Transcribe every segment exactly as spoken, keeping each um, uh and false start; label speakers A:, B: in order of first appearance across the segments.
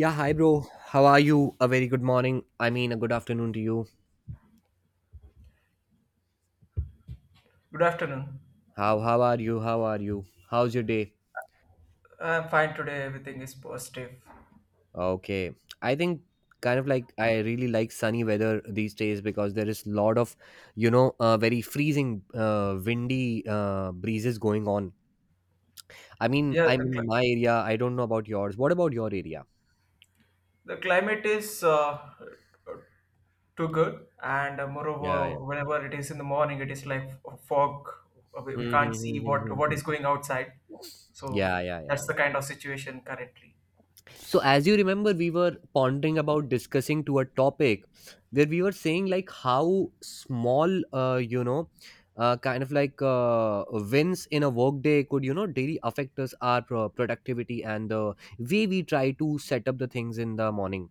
A: Yeah, hi bro. How are you? A very good morning. I mean, a good afternoon to you.
B: Good afternoon.
A: How how are you? How are you? How's your day?
B: I'm fine today. Everything is positive.
A: Okay. I think kind of like I really like sunny weather these days because there is lot of, you know, uh, very freezing uh, windy uh, breezes going on. I mean,
B: Yeah,
A: I'm
B: the,
A: in
B: cli-
A: my area. I don't know about yours. What about your area?
B: the climate is uh, too good, and uh,
A: Yeah, yeah.
B: moreover, whenever it is in the morning, it is like f- fog. Uh, We, we
A: Hmm, hmm,
B: can't see
A: hmm,
B: what
A: hmm, hmm,
B: what
A: hmm.
B: is going outside. So
A: Yeah, yeah,
B: that's
A: yeah.
B: the kind of situation currently.
A: So, as you remember, we were pondering about discussing to a topic where we were saying like how small, uh, you know, uh, kind of like uh, wins in a workday could, you know, daily affect us our pro- productivity and the way we try to set up the things in the morning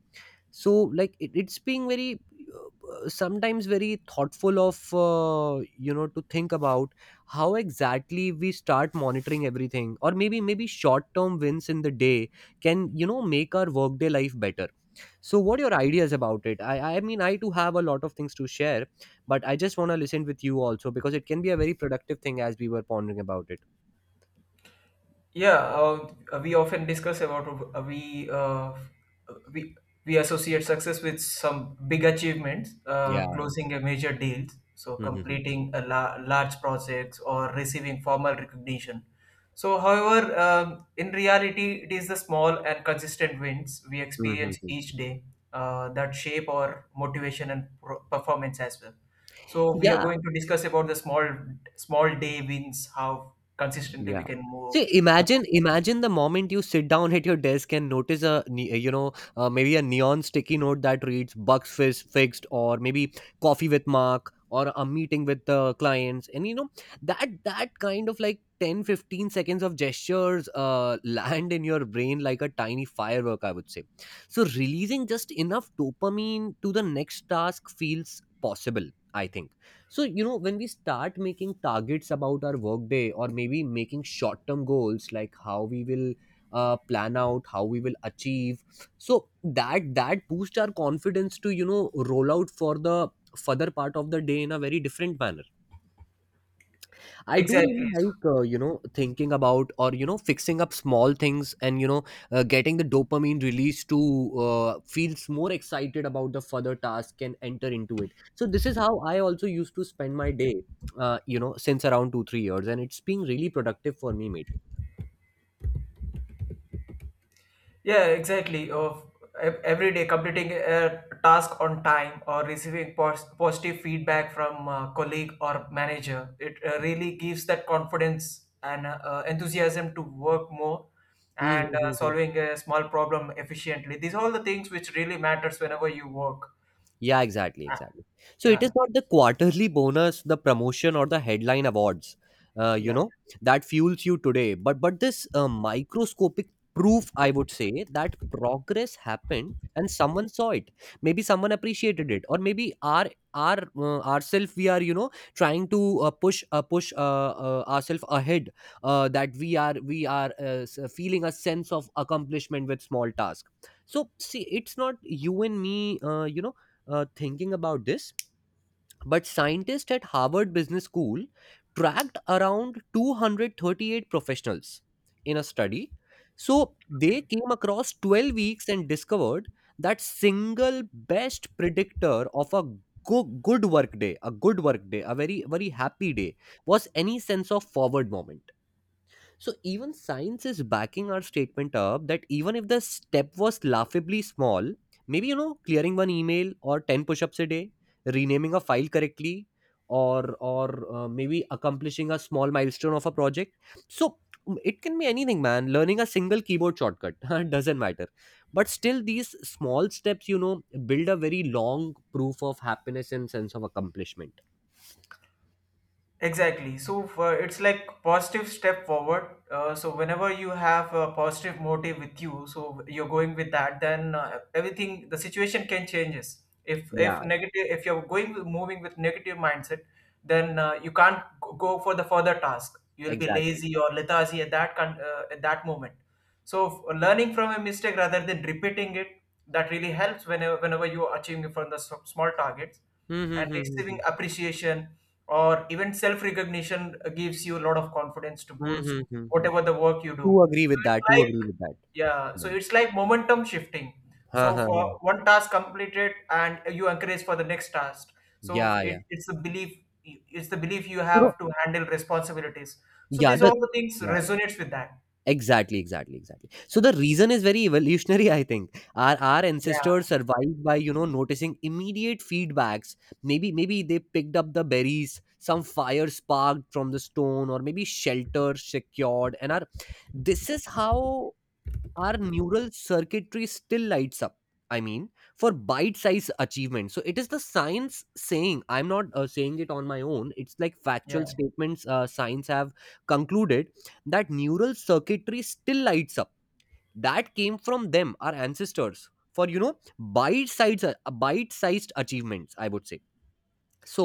A: so like it, it's being very uh, uh, sometimes very thoughtful of uh, you know to think about how exactly we start monitoring everything or maybe maybe short term wins in the day can you know make our workday life better. So what are your ideas about it? I i mean I too have a lot of things to share, but I just want to listen with you also because it can be a very productive thing as we were pondering about it.
B: Yeah, uh, we often discuss about uh, we uh, we we associate success with some big achievements, uh,
A: Yeah.
B: closing a major deal, so
A: Mhm.
B: completing a la- large projects or receiving formal recognition. So, however, um, in reality, it is the small and consistent wins we
A: Mhm.
B: experience each
A: Mhm.
B: day uh, that shape our motivation and pro- performance as well. So, we are
A: Yeah,
B: going to discuss about the small small day wins, how consistently
A: yeah.
B: we can move.
A: See, imagine, imagine the moment you sit down at your desk and notice a, ne- you know, uh, maybe a neon sticky note that reads "bugs fis- fixed" or maybe "coffee with Mark" or a meeting with the clients, and you know that that kind of like ten, fifteen seconds of gestures uh, land in your brain like a tiny firework, I would say. So releasing just enough dopamine to the next task feels possible, I think. So you know, when we start making targets about our workday or maybe making short term goals like how we will uh, plan out how we will achieve, so that that boosts our confidence to you know roll out for the further part of the day in a very different manner. I do
B: Exactly.
A: really
B: So,
A: like, uh, you know, thinking about or, you know, fixing up small things and, you know, uh, getting the dopamine release to uh, feels more excited about the further task and enter into it. So this is how I also used to spend my day, uh, you know, since around two, three years. And it's been really productive for me, mate.
B: yeah, exactly. Of ev- every day completing a task on time or receiving pos- positive feedback from a colleague or manager, it uh, really gives that confidence and uh, uh, enthusiasm to work more and uh,
A: Mhm.
B: solving a small problem efficiently. These are all the things which really matters whenever you work.
A: Yeah, exactly,
B: Ah,
A: exactly. So it is
B: Yeah.
A: not the quarterly bonus, the promotion, or the headline awards, uh, you
B: Yeah.
A: know, that fuels you today. But but this uh, microscopic proof, I would say, that progress happened and someone saw it. Maybe someone appreciated it, or maybe our our uh, ourself we are you know trying to uh, push uh, push uh, uh, ourselves ahead. Uh, that we are we are uh, s- feeling a sense of accomplishment with small task. So see, it's not you and me, uh, you know uh, thinking about this, but scientists at Harvard Business School tracked around two hundred thirty-eight professionals in a study. So they
B: Okay.
A: came across twelve weeks and discovered that single best predictor of a go- good work day, a good work day, a very very happy day was any sense of forward moment. So even science is backing our statement up that even if the step was laughably small, maybe you know clearing one email or ten push-ups a day, renaming a file correctly, or or uh, maybe accomplishing a small milestone of a project. So mm, it can be anything, man. Learning a single keyboard shortcut doesn't matter, but still these small steps, you know, build a very long proof of happiness and sense of accomplishment.
B: Exactly. So for, it's like positive step forward. Uh, so whenever you have a positive motive with you, so you're going with that, then uh, everything the situation can changes. If
A: Yeah,
B: if negative, if you're going with- moving with negative mindset, then uh, you can't g- go for the further task. You'll be
A: exactly.
B: lazy or lethargy at that con- uh, at that moment. So f- learning from a mistake rather than repeating it, that really helps whenever whenever you are achieving from the s- small targets
A: Hmm. Hmm,
B: and
A: hmm, hmm, hmm.
B: receiving appreciation or even self recognition gives you a lot of confidence to
A: Hmm,
B: boost
A: hmm, hmm, hmm.
B: whatever the work you do.
A: Do agree
B: so
A: with
B: it's
A: that, do
B: like
A: agree with that.
B: yeah
A: Yeah.
B: so it's like momentum shifting.
A: Huh,
B: So
A: huh,
B: for
A: huh.
B: one task completed and you encourage for the next task. so
A: Yeah,
B: it,
A: yeah.
B: it's the belief it's the belief you
A: So
B: have to handle responsibilities. So
A: yeah,
B: these
A: the
B: all the things
A: yeah, yeah.
B: resonates with that,
A: Exactly, exactly, exactly. So the reason is very evolutionary, I think. Our our
B: yeah,
A: ancestors survived by, you know, noticing immediate feedbacks. Maybe maybe they picked up the berries, some fire sparked from the stone, or maybe shelter secured. And our this is how our neural circuitry still lights up. I mean, for bite size achievement, so it is the science saying. I'm not uh, saying it on my own, it's like
B: yeah.
A: factual statements. Uh, science have concluded that neural circuitry still lights up that came from them, our ancestors, for you know bite sized, bite sized achievements, I would say. So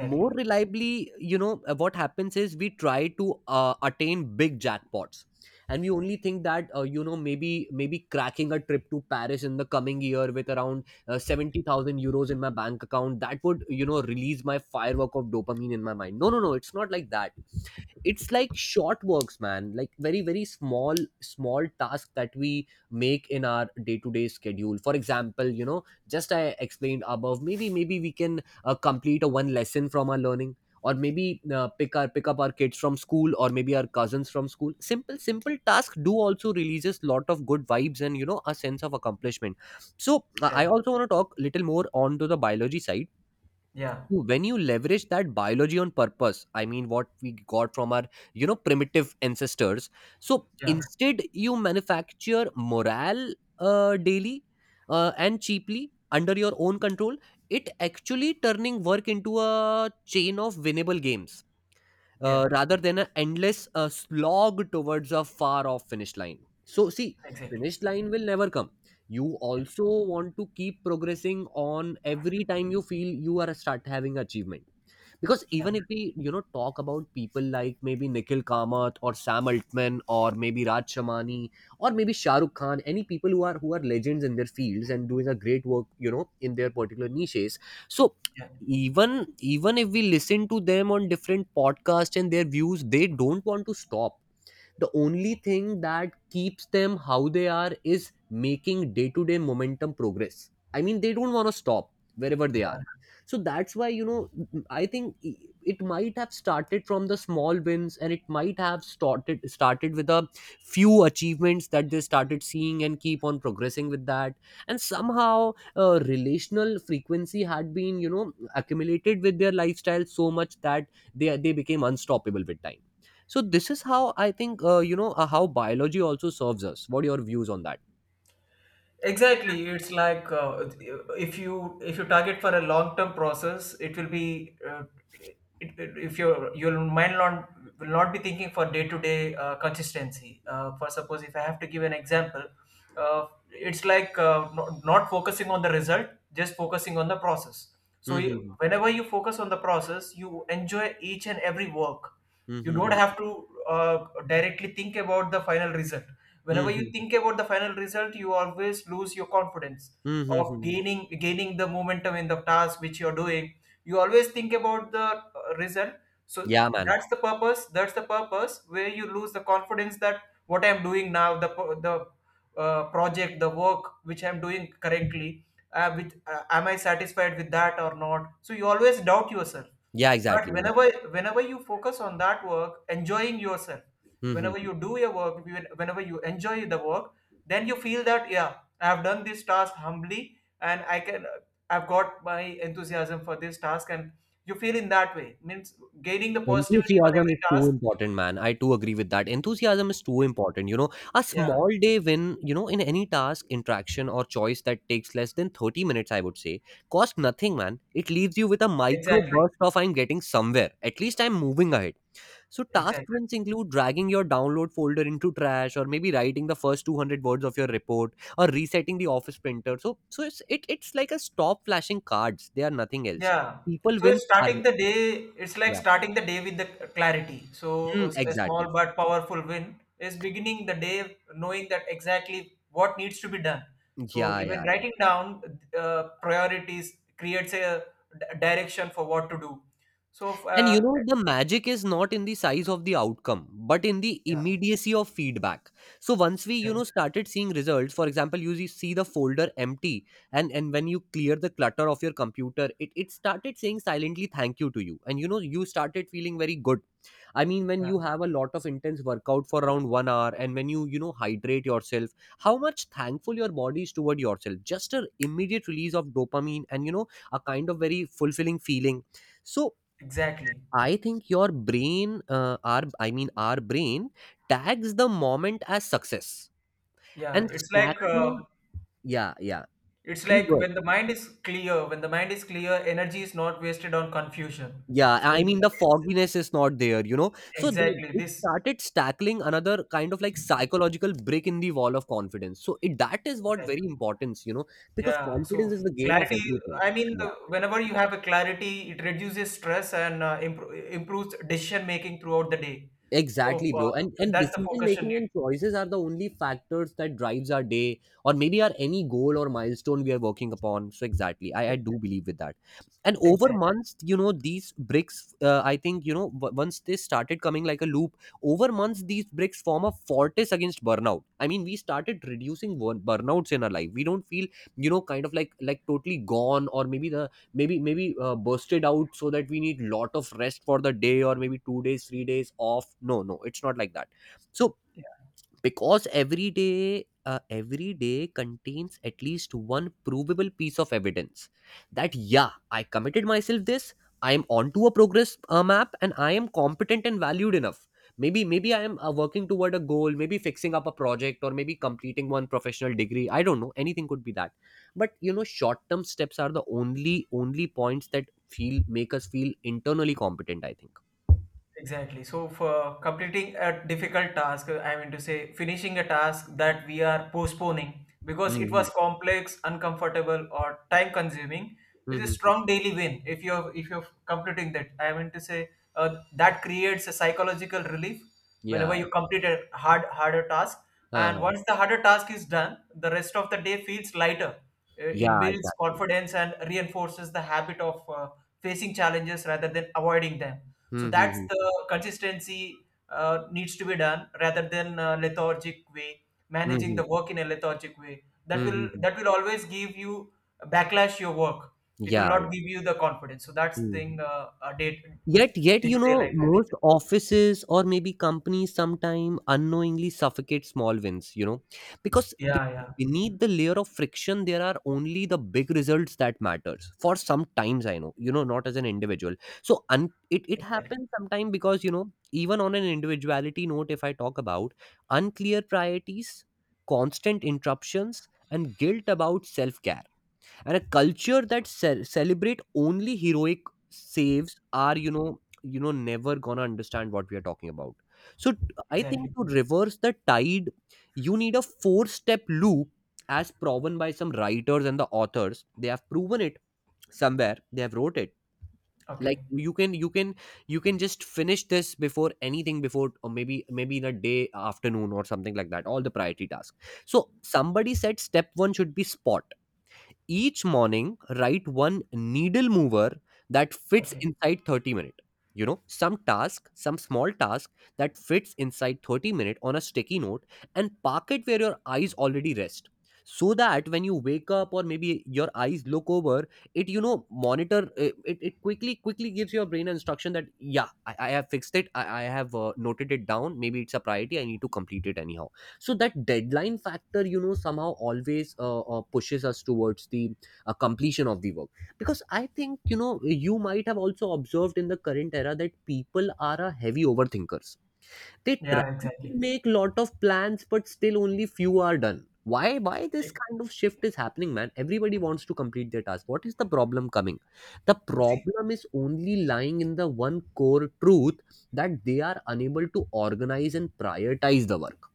A: more reliably, you know, uh, what happens is we try to uh, attain big jackpots, and we only think that uh, you know, maybe maybe cracking a trip to Paris in the coming year with around uh, seventy thousand euros in my bank account, that would you know release my firework of dopamine in my mind. No, no, no, it's not like that. It's like short works, man, like very very small, small tasks that we make in our day-to-day schedule. For example, you know, just I explained above, maybe maybe we can uh, complete a one lesson from our learning, or maybe uh, pick our pick up our kids from school, or maybe our cousins from school. Simple, simple tasks do also releases lot of good vibes and you know a sense of accomplishment. So i I
B: Exactly.
A: also want to talk little more on to the biology side.
B: Yeah.
A: When you leverage that biology on purpose, I mean what we got from our you know primitive ancestors, so
B: Yeah.
A: instead you manufacture morale uh, daily uh, and cheaply under your own control, it actually turning work into a chain of winnable games,
B: Yeah.
A: uh, rather than an endless uh, slog towards a far off finish line. So, see,
B: Exactly.
A: finish line will never come. You
B: Yeah.
A: also want to keep progressing on every time you feel you are start having achievement, because even
B: Yeah.
A: if we you know talk about people like maybe Nikhil Kamath or Sam Altman or maybe Raj Shamani or maybe Shah Rukh Khan, any people who are who are legends in their fields and doing a great work you know in their particular niches. So
B: Yeah.
A: even, even if we listen to them on different podcasts and their views, they don't want to stop. The only thing that keeps them how they are is making day to day momentum progress. I mean, they don't want to stop wherever they are. So that's why you know, I think, it might have started from the small wins and it might have started started with a few achievements that they started seeing and keep on progressing with that. And somehow uh, relational frequency had been you know accumulated with their lifestyle so much that they they became unstoppable with time. So this is how I think uh, you know uh, how biology also serves us. What are your views on that?
B: Exactly. It's like, uh, if you if you target for a long term process, it will be uh, it, it- if your your mind not, will not be thinking for day to day consistency. Uh, for suppose, if I have to give an example, uh, it's like, uh, not, not focusing on the result, just focusing on the process. So you,
A: Mhm.
B: whenever you focus on the process, you enjoy each and every work. You don't
A: Mhm.
B: have to uh, directly think about the final result. Whenever you
A: Mhm.
B: think about the final result, you always lose your confidence of
A: Mhm.
B: gaining gaining the momentum in the task which you're doing. You always think about the uh, result. so
A: Yeah, man.
B: that's the purpose that's the purpose where you lose the confidence, that what I'm doing now, the pro- the uh, project, the work which I'm doing correctly. Uh, with uh, Am I satisfied with that or not? So you always doubt yourself.
A: Yeah, exactly,
B: But
A: exactly.
B: whenever whenever you focus on that work, enjoying yourself, whenever
A: Mhm.
B: you do your work, when- whenever you enjoy the work, then you feel that, yeah, I have done this task humbly, and I can I've got my enthusiasm for this task, and you feel in that way, means gaining the positivity on
A: Enthusiasm is
B: every
A: too
B: task.
A: important, man. I too agree with that. Enthusiasm is too important. You know, a
B: Yeah,
A: small day win, you know, in any task, interaction, or choice that takes less than thirty minutes, I would say, cost nothing, man. It leaves you with a micro
B: exactly,
A: burst of I'm getting somewhere. At least I'm moving ahead. So task
B: exactly.
A: runs include dragging your download folder into trash, or maybe writing the first two hundred words of your report, or resetting the office printer. So, so it's it, it's like a stop flashing cards. They are nothing else.
B: Yeah.
A: People
B: So it's
A: wins are
B: starting the day, it's like
A: yeah,
B: starting the day with the clarity. So
A: hmm,
B: a a
A: exactly,
B: small
A: exactly.
B: but powerful win is beginning the day knowing that exactly what needs to be done. So
A: Yeah,
B: even
A: yeah.
B: writing down uh, priorities creates a d- direction for what to do. So,
A: And you
B: uh,
A: know, the magic is not in the size of the outcome, but in the
B: yeah,
A: immediacy of feedback. So once we, you know,
B: exactly.
A: started seeing results, for example, you see see the folder empty, and and when you clear the clutter of your computer, it it started saying silently thank you to you, and you know, you started feeling very good. I mean, when
B: Yeah,
A: you have a lot of intense workout for around one hour, and when you you know hydrate yourself, how much thankful your body is toward yourself. Just a immediate release of dopamine, and you know, a kind of very fulfilling feeling. So
B: exactly.
A: I think your brain, uh, our I mean our brain tags the moment as success. And
B: Yeah, it's like
A: stacking,
B: uh,
A: yeah, yeah.
B: it's
A: Please go
B: like
A: ahead.
B: when the mind is clear, when the mind is clear, energy is not wasted on confusion.
A: Yeah,
B: So
A: I mean the
B: this,
A: fogginess is not there, you know. So they,
B: exactly
A: it
B: this.
A: started tackling another kind of like psychological brick in the wall of confidence. So it, that is what very
B: Exactly.
A: important, you know, because
B: Yeah.
A: confidence
B: So
A: is the game of
B: clarity,
A: everything.
B: I mean,
A: Yeah.
B: the- whenever you have a clarity, it reduces stress and uh, impro- improves decision making throughout the day. So
A: Exactly, bro.
B: uh,
A: And and
B: that's the
A: decision
B: focus you
A: making and
B: need.
A: choices are the only factors that drives our day or maybe our any goal or milestone we are working upon. So exactly, I, I do believe with that. And over
B: Exactly.
A: months, you know, these bricks, uh, I think, you know, w- once they started coming like a loop, over months, these bricks form a fortress against burnout. I mean, we started reducing burn- burnouts in our life. We don't feel, you know, kind of like like totally gone, or maybe the maybe maybe uh, burst out, so that we need lot of rest for the day, or maybe two days, three days off. No, no, it's not like that. So because every day uh, every day contains at least one provable piece of evidence that, yeah, I committed myself this. I am onto a progress uh, map, and I am competent and valued enough. Maybe maybe I am uh, working toward a goal, maybe fixing up a project, or maybe completing one professional degree. I don't know, anything could be that. But, you know, short term steps are the only only points that feel make us feel internally competent, I think.
B: Exactly. So, for completing a difficult task, uh, I mean to say, finishing a task that we are postponing because it
A: Hmm,
B: was complex, uncomfortable, or time consuming is a
A: hmm.
B: strong daily win if you're if you're completing that. I mean to say, uh, that creates a psychological relief
A: Yeah,
B: whenever you complete a hard harder task. And
A: uh,
B: once the harder task is done, the rest of the day feels lighter. uh, It
A: yeah,
B: builds
A: exactly.
B: confidence and reinforces the habit of uh, facing challenges rather than avoiding them. So that's
A: Hmm.
B: the consistency uh, needs to be done rather than uh, lethargic way, managing
A: Mhm.
B: the work in a lethargic way. That
A: Mhm,
B: will
A: mhm.
B: that will always give you backlash your work. It will
A: Yeah.
B: not give you the confidence. So that's
A: Mhm.
B: thing, uh, uh, day
A: Yet, yet,
B: day
A: you
B: to day
A: know,
B: life,
A: most
B: actually.
A: offices or maybe companies sometime unknowingly suffocate small wins, you know, because be-
B: Yeah, yeah,
A: beneath the layer of friction, there are only the big results that matters for some times, I know, you know, not as an individual. So un- it, it
B: exactly,
A: happens sometime because, you know, even on an individuality note, if I talk about unclear priorities, constant interruptions and guilt about self-care, and a culture that ce- celebrate only heroic saves, are you know you know never gonna understand what we are talking about. So t- I think,
B: exactly.
A: to reverse the tide, you need a four step loop, as proven by some writers and the authors. They have proven it somewhere, they have wrote it. Like,
B: Okay,
A: you can you can you can just finish this before anything, before or maybe maybe in a day afternoon or something like that, all the priority tasks. So somebody said step one should be spot. Each morning, write one needle mover that fits
B: okay.
A: inside thirty minutes. You know, some task some small task that fits inside thirty minutes on a sticky note, and park it where your eyes already rest, so that when you wake up, or maybe your eyes look over it, you know, monitor it, it, it quickly quickly gives your brain an instruction that, yeah, i, I have fixed it. I, I have uh, noted it down. Maybe it's a priority, I need to complete it anyhow. So that deadline factor, you know, somehow always uh, uh, pushes us towards the uh, completion of the work. Because I think, you know, you might have also observed in the current era that people are a heavy overthinkers. They try
B: Yeah,
A: to
B: exactly.
A: make lot of plans, but still only few are done. Why why this kind of shift is happening, man? Everybody wants to complete their task. What is the problem coming? The
B: See.
A: problem is only lying in the one core truth: that they are unable to organize and prioritize the work.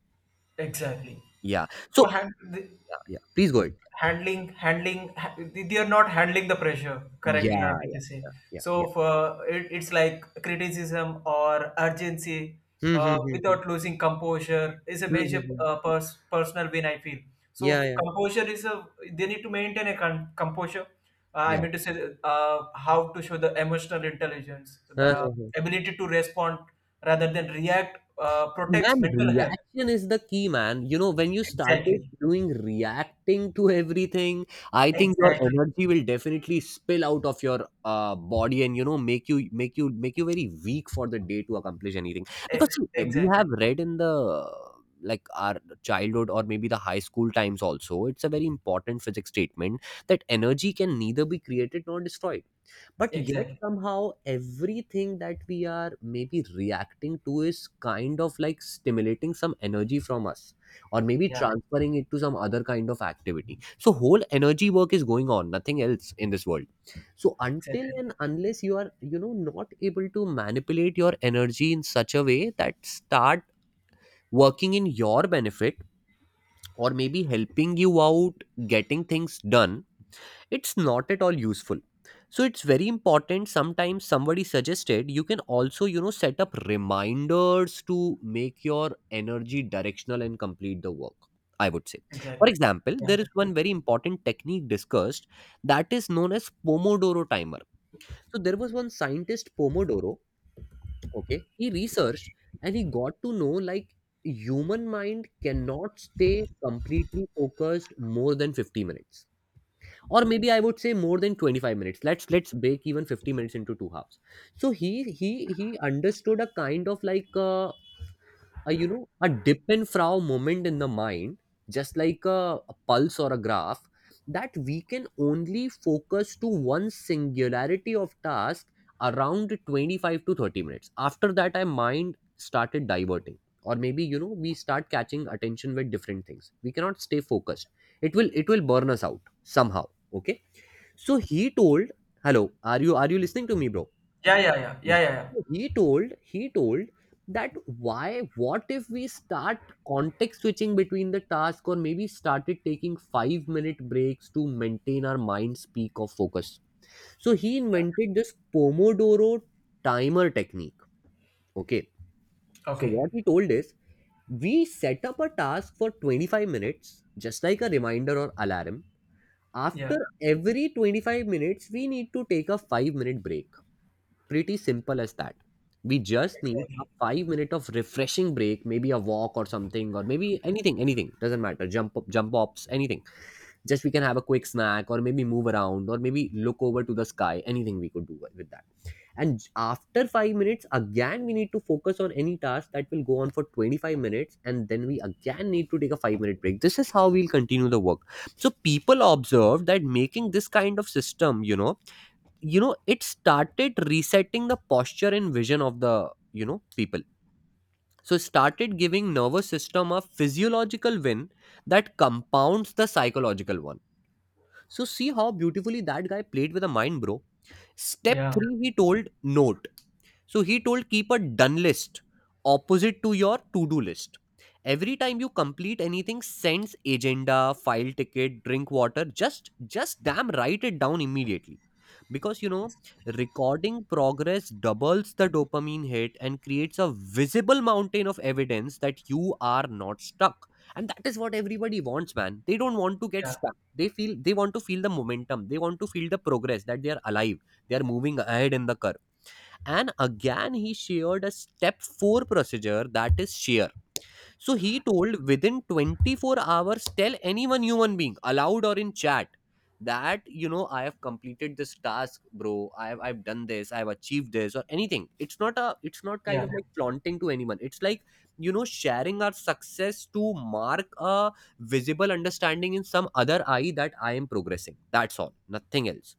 B: Exactly.
A: Yeah.
B: So
A: So
B: hand, the,
A: yeah, yeah, please go ahead.
B: handling, handling, ha- they are not handling the pressure correctly, I
A: Yeah,
B: mean
A: yeah,
B: to say.
A: yeah, yeah.
B: So for it, it's like criticism or urgency
A: Hmm, hmm,
B: uh,
A: hmm, hmm.
B: without losing composure is a
A: Hmm, hmm,
B: major
A: hmm.
B: uh, pers- personal win, I feel. So
A: Yeah,
B: f-
A: yeah,
B: composure is a They need to maintain a con- composure. Uh, I
A: yeah.
B: mean to say, uh, how to show the emotional intelligence, the
A: Uh-huh.
B: ability to respond rather than react uh, protects
A: Man,
B: mental health.
A: reaction is the key, man. You know, when you started
B: Exactly.
A: doing reacting to everything, I think your
B: Exactly.
A: energy will definitely spill out of your uh, body, and you know, make you make you make you very weak for the day to accomplish anything. Because
B: E-
A: see, eh, we have
B: exactly.
A: read in the, like, our childhood or maybe the high school times also, it's a very important physics statement that energy can neither be created nor destroyed. But yet
B: Exactly.
A: somehow everything that we are maybe reacting to is kind of like stimulating some energy from us, or maybe
B: Yeah.
A: transferring it to some other kind of activity. So whole energy work is going on, nothing else in this world. So until
B: Exactly.
A: and unless you are, you know, not able to manipulate your energy in such a way that start working in your benefit, or maybe helping you out, getting things done, it's not at all useful. So it's very important. Sometimes somebody suggested you can also, you know, set up reminders to make your energy directional and complete the work, I would say. For
B: Exactly.
A: example,
B: Yeah.
A: there is one very important technique discussed that is known as Pomodoro timer. So there was one scientist, Pomodoro. Okay, he researched, and he got to know, like, human mind cannot stay completely focused more than fifty minutes, or maybe I would say more than twenty-five minutes. Let's let's break even fifty minutes into two halves. So he he he understood a kind of like, uh, a, you know, a dip and frow moment in the mind, just like a, a pulse or a graph, that we can only focus to one singularity of task around twenty-five to thirty minutes. After that, our mind started diverting, or maybe, you know, we start catching attention with different things. We cannot stay focused. It will it will burn us out somehow. Okay. So he told, "Hello, are you are you listening to me, bro?"
B: Yeah. Yeah. Yeah.
A: Yeah.
B: Yeah. Yeah. Yeah.
A: So he told he told that, why, what if we start context switching between the task, or maybe started taking five minute breaks to maintain our mind's peak of focus. So he
B: yeah.
A: invented this Pomodoro timer technique. Okay. So
B: Okay.
A: what he told is, we set up a task for twenty-five minutes, just like a reminder or alarm. After
B: Yeah.
A: every twenty-five minutes, we need to take a five minute break. Pretty simple as that. We just need a
B: Exactly.
A: five minute of refreshing break, maybe a walk or something, or maybe anything, anything. Doesn't matter. Jump up, jump ups, anything. Just we can have a quick snack, or maybe move around, or maybe look over to the sky. Anything we could do with that. And j- after five minutes, again we need to focus on any task that will go on for twenty-five minutes, and then we again need to take a five minute break. This is how we'll continue the work. So people observe that making this kind of system, you know, you know it started resetting the posture and vision of the, you know people. So it started giving nervous system a physiological win that compounds the psychological one. So see how beautifully that guy played with the mind, bro. Step
B: Yeah.
A: three, he told, note. So he told, keep a done list opposite to your to do list. Every time you complete anything, sends agenda, file ticket, drink water, just just damn write it down immediately. Because you know, recording progress doubles the dopamine hit and creates a visible mountain of evidence that you are not stuck. And that is what everybody wants, man. They don't want to get
B: Yeah.
A: stuck. They feel they want to feel the momentum. They want to feel the progress that they are alive. They are moving ahead in the curve. And again, he shared a step four procedure that is share. So he told, within twenty-four hours, tell anyone human being, aloud or in chat, that, you know, I have completed this task, bro. I've, I've done this. I've achieved this, or anything. It's not a, it's not kind of
B: Yeah.
A: like flaunting to anyone. It's like, you know, sharing our success to mark a visible understanding in some other eye that I am progressing. That's all. Nothing else.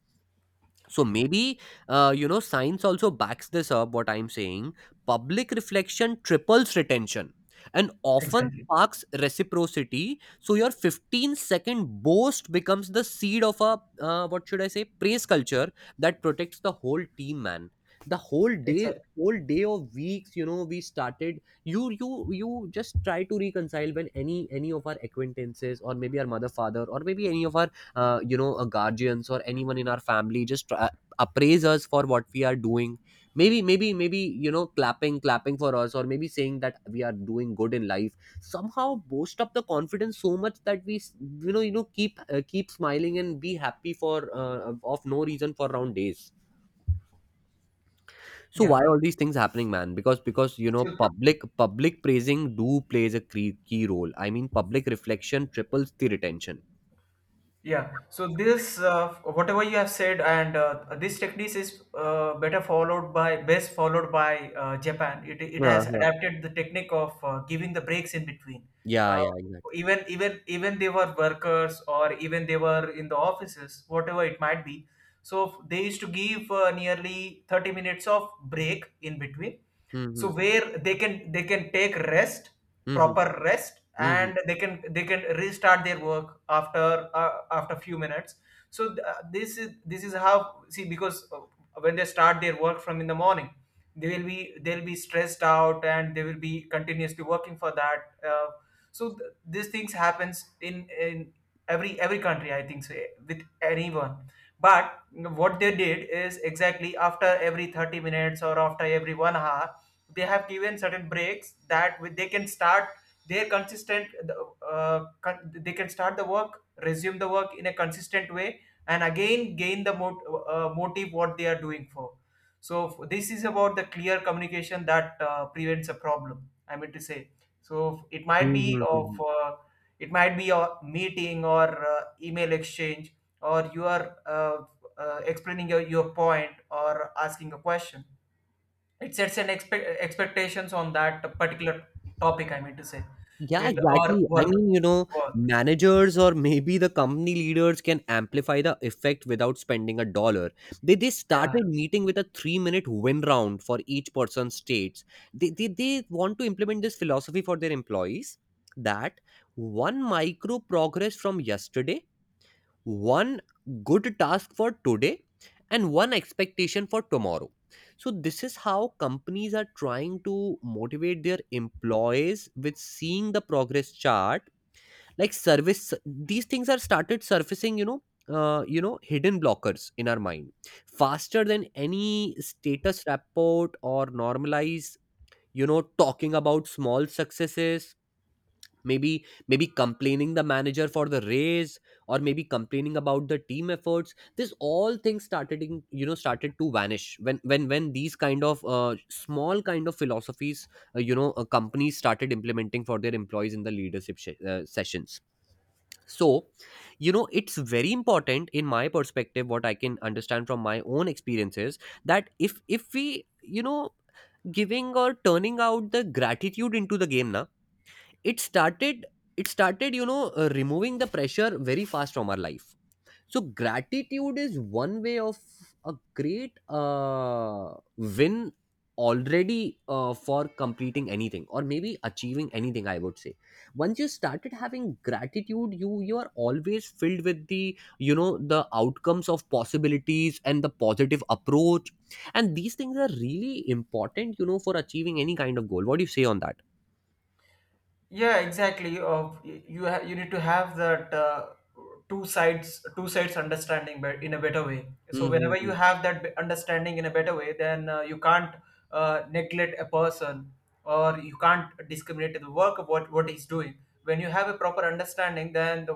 A: So maybe uh, you know, science also backs this up. What I'm saying, public reflection triples retention and often
B: Exactly.
A: sparks reciprocity. So your fifteen second boast becomes the seed of a, uh, what should I say, praise culture that protects the whole team, man. The whole day,
B: Exactly.
A: whole day of weeks. You know, we started. You you you just try to reconcile when any any of our acquaintances, or maybe our mother father, or maybe any of our uh, you know uh, guardians or anyone in our family, just uh, appraise us for what we are doing. Maybe maybe maybe, you know, clapping clapping for us, or maybe saying that we are doing good in life, somehow boost up the confidence so much that we s- you know you know, keep uh, keep smiling and be happy for uh, of no reason for round days. So why
B: Yeah.
A: all these things happening, man? Because because, you know,
B: So.
A: public public praising do plays a key, key role. I mean, public reflection triples the retention.
B: Yeah. So this, uh, whatever you have said, and uh, this technique is uh, better followed by best followed by uh, Japan. It it has
A: Uh-huh.
B: adapted the technique of uh, giving the breaks in between.
A: Yeah,
B: Uh,
A: yeah, exactly.
B: even even even they were workers or even they were in the offices, whatever it might be. So they used to give uh, nearly thirty minutes of break in between, so
A: Mm-hmm.
B: where they can they can take rest,
A: Mm-hmm.
B: proper rest,
A: Mhm.
B: and they can they can restart their work after uh, after few minutes. So th- uh, this is this is how, see, because, uh, when they start their work from in the morning, they will be they'll be stressed out and they will be continuously working for that. uh, so th- these things happens in in every every country, I think so, eh, with anyone. But what they did is exactly after every thirty minutes or after every one hour, they have given certain breaks that with- they can start their consistent, uh, con- they can start the work, resume the work in a consistent way, and again gain the mot- uh, motive what they are doing for. So f- this is about the clear communication that uh, prevents a problem, I mean to say. So it might be
A: Mhm, mhm.
B: of uh, it might be a meeting or uh, email exchange, or you are uh, uh, explaining your, your point or asking a question. It sets an expe- expectations on that particular topic, I mean to say,
A: Yeah,
B: it, or
A: exactly. I
B: work
A: mean, you know,
B: work
A: managers or maybe the company leaders can amplify the effect without spending a dollar. They they
B: Yeah,
A: started meeting with a three minute win round for each person's states. They, they they want to implement this philosophy for their employees, that one micro progress from yesterday, one good task for today, and one expectation for tomorrow. So this is how companies are trying to motivate their employees with seeing the progress chart. Like service, these things are started surfacing, you know uh, you know hidden blockers in our mind faster than any status report or normalize, you know talking about small successes. Maybe maybe complaining the manager for the raise, or maybe complaining about the team efforts. This all things started in, you know started to vanish when when when these kind of uh, small kind of philosophies, uh, you know uh, companies started implementing for their employees in the leadership sh- uh, sessions. So you know it's very important in my perspective, what I can understand from my own experiences, that if if we, you know giving or turning out the gratitude into the game na, it started, it started, you know uh, removing the pressure very fast from our life. So gratitude is one way of a great uh, win already, uh, for completing anything or maybe achieving anything, I would say. Once you started having gratitude, you you are always filled with the, you know, the outcomes of possibilities and the positive approach. And these things are really important, you know, for achieving any kind of goal. What do you say on that?
B: yeah, exactly. Of, you ha- you need to have that uh, two sides two sides understanding, bet- in a better way. So whenever you
A: Hmm,
B: have that be- understanding in a better way, then uh, you can't uh, neglect a person or you can't discriminate the work of what what he's doing. When you have a proper understanding, then the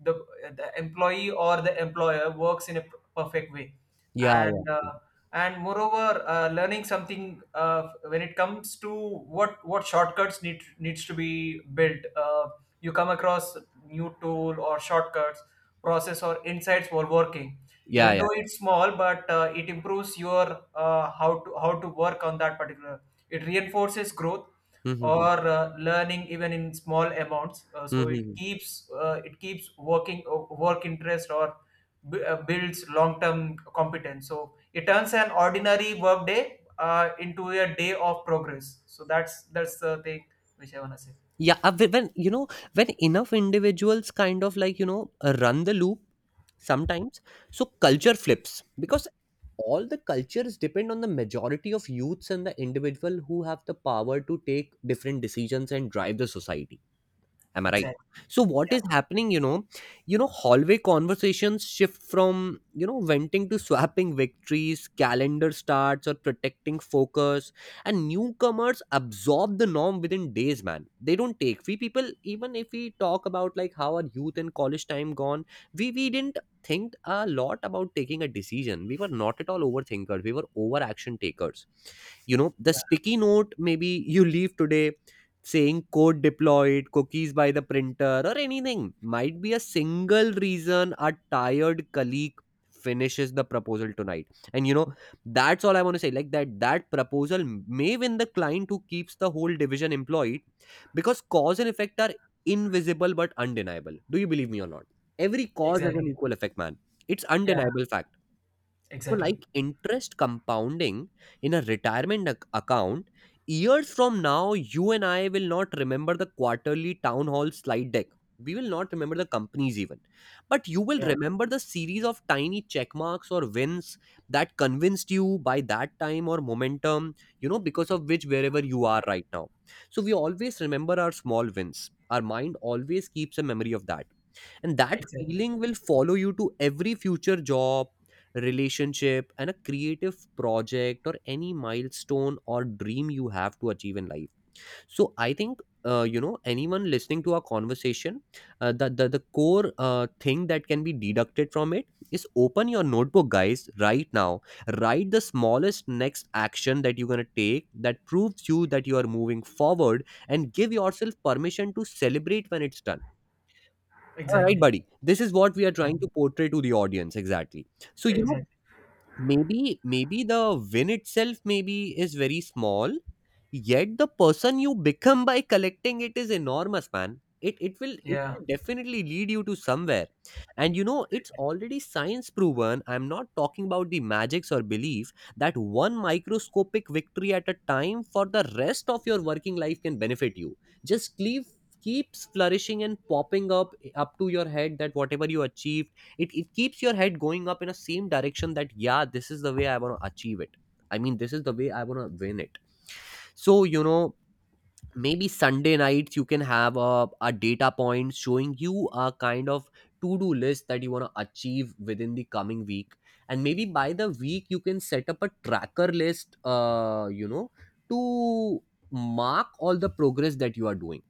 B: the, the employee or the employer works in a p- perfect way.
A: yeah,
B: and
A: yeah.
B: uh, and moreover, uh, learning something, uh, when it comes to what what shortcuts need needs to be built, uh, you come across new tool or shortcuts, process or insights while working.
A: Yeah,
B: Even
A: yeah.
B: though it's small, but uh, it improves your, uh, how to how to work on that particular, it reinforces growth
A: Mm-hmm.
B: or uh, learning, even in small amounts. uh, so it
A: Mm-hmm.
B: keeps uh, it keeps working uh, work interest, or b- uh, builds long-term competence. So it turns an ordinary workday uh, into a day of progress. So that's that's the thing which I wanna say.
A: Yeah, uh, whe- when you know, when enough individuals kind of like, you know, uh, run the loop sometimes, so culture flips, because all the cultures depend on the majority of youths and the individual who have the power to take different decisions and drive the society. Am I right?
B: Exactly.
A: So what
B: Yeah.
A: is happening, you know, you know hallway conversations shift from, you know, venting to swapping victories, calendar starts or protecting focus, and newcomers absorb the norm within days, man. They don't take. We people, even if we talk about like how our youth and college time gone, we we didn't think a lot about taking a decision. We were not at all overthinkers, we were over action takers. You know, the
B: Yeah.
A: sticky note maybe you leave today saying code deployed, cookies by the printer, or anything might be a single reason. A tired colleague finishes the proposal tonight, and you know, that's all I want to say, like that that proposal may win the client who keeps the whole division employed, because cause and effect are invisible but undeniable. Do you believe me or not? Every cause has an
B: Exactly.
A: equal effect, man. It's
B: Yeah.
A: undeniable fact. So, like
B: Exactly.
A: interest compounding in a retirement ac- account, years from now, you and I will not remember the quarterly town hall slide deck. We will not remember the companies even. But you will
B: Yeah.
A: remember the series of tiny check marks or wins that convinced you by that time or momentum, you know, because of which wherever you are right now. So, we always remember our small wins. Our mind always keeps a memory of that. And that
B: Exactly.
A: feeling will follow you to every future job, relationship, and a creative project or any milestone or dream you have to achieve in life. So I think uh, you know, anyone listening to our conversation, uh, the, the the core uh, thing that can be deducted from it is, open your notebook, guys, right now. Write the smallest next action that you're gonna take that proves you that you are moving forward, and give yourself permission to celebrate when it's done. Yeah, right,
B: Exactly.
A: buddy. This is what we are
B: Yeah.
A: trying to portray to the audience exactly. So you know,
B: Exactly.
A: maybe maybe the win itself maybe is very small, yet the person you become by collecting it is enormous, man. It it will, it
B: Yeah.
A: will definitely lead you to somewhere. And you know, it's already science proven, I'm not talking about the magics or belief, that one microscopic victory at a time for the rest of your working life can benefit you. Just leave, keeps flourishing and popping up up to your head, that whatever you achieve, it, it keeps your head going up in a same direction, that yeah, this is the way I want to achieve it. I mean, this is the way I want to win it. So you know, maybe sunday nights you can have a, a data point showing you a kind of to-do list that you want to achieve within the coming week. And maybe by the week you can set up a tracker list, uh you know, to mark all the progress that you are doing.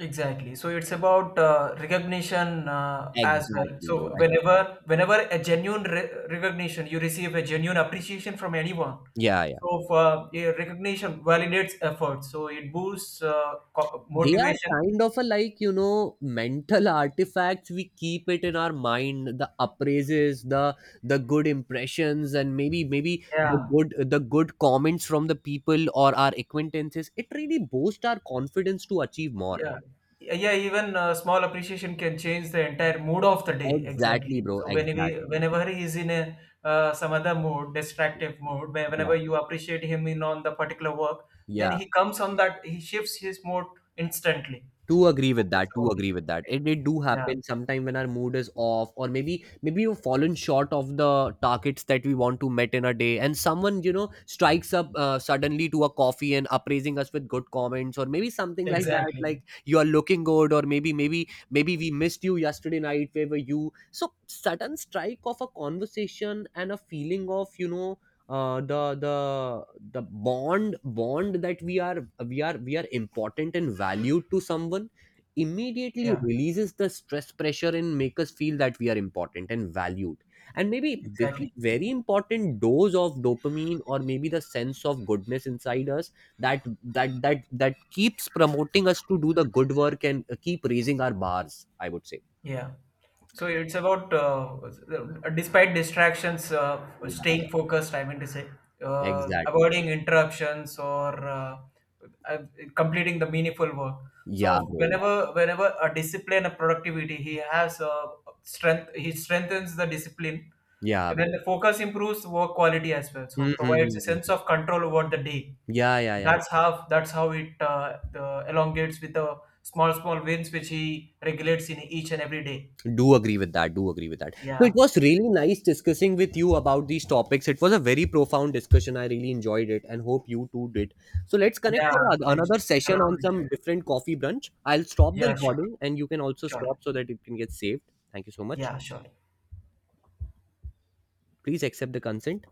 B: Exactly. So it's about uh, recognition uh, as well.
A: Exactly, bro,
B: So
A: exactly.
B: whenever whenever a genuine re- recognition, you receive a genuine appreciation from anyone.
A: Yeah, yeah.
B: So if, uh, Yeah, recognition validates effort. So it boosts uh, co-
A: They
B: motivation.
A: are kind of a like, you know, mental artifacts. We keep it in our mind, the appraises, the the good impressions, and maybe maybe the
B: Yeah.
A: good the good comments from the people or our acquaintances. It really boosts our confidence to achieve more.
B: Yeah. Yeah, yeah, even uh, small appreciation can change the entire mood of the day.
A: Exactly,
B: Exactly.
A: bro.
B: So whenever
A: Exactly.
B: whenever he's in a uh, some other mood, distractive mood, where-
A: Yeah.
B: whenever you appreciate him in on the particular work, then
A: Yeah.
B: he comes on that, he shifts his mood instantly.
A: To agree
B: So
A: with
B: it's
A: that, to
B: about the
A: agree
B: shift.
A: with that it, it do
B: Yeah,
A: happen sometime when our mood is off, or maybe maybe we've fallen short of the targets that we want to met in a day, and someone, you know, strikes up uh, suddenly to a coffee and appraising us with good comments, or maybe something like that,
B: exactly.
A: like you are looking good, or maybe maybe maybe we missed you yesterday night, where were you. So sudden strike of a conversation and a feeling of, you know, uh, the the the bond bond that we are we are we are important and valued to someone immediately
B: Yeah,
A: releases the stress pressure and make us feel that we are important and valued. And maybe this is
B: exactly.
A: very important dose of dopamine, or maybe the sense of goodness inside us, that that that that keeps promoting us to do the good work, and uh, keep raising our bars, I would say.
B: Yeah. So it's about, uh, uh, despite distractions, uh,
A: Yeah, yeah.
B: staying focused, I mean to say, uh,
A: Exactly, exactly.
B: avoiding interruptions or uh, uh, completing the meaningful work.
A: Yeah,
B: So
A: bro, yeah.
B: whenever, whenever a discipline, a productivity, he has uh, strength he strengthens the discipline,
A: Yeah,
B: and then
A: bro.
B: the focus improves work quality as well, so provides a
A: Mm-hmm.
B: sense of control over the day.
A: Yeah, yeah, yeah.
B: That's how that's how it, uh, the elongates with the small small wins which he regulates in each and every day.
A: Do agree with that. Do agree with that. So it
B: Yeah,
A: was really nice discussing with you about these topics. It was a very profound discussion. I really enjoyed it and hope you too did. So let's connect
B: yeah,
A: for a-
B: I
A: another session on
B: thoroughly
A: some
B: enjoyed.
A: different coffee brunch. I'll stop the
B: Yeah, sure.
A: recording and you can also stop
B: Sure.
A: so that it can get saved. Thank you so much.
B: Yeah, sure.
A: Please accept the consent.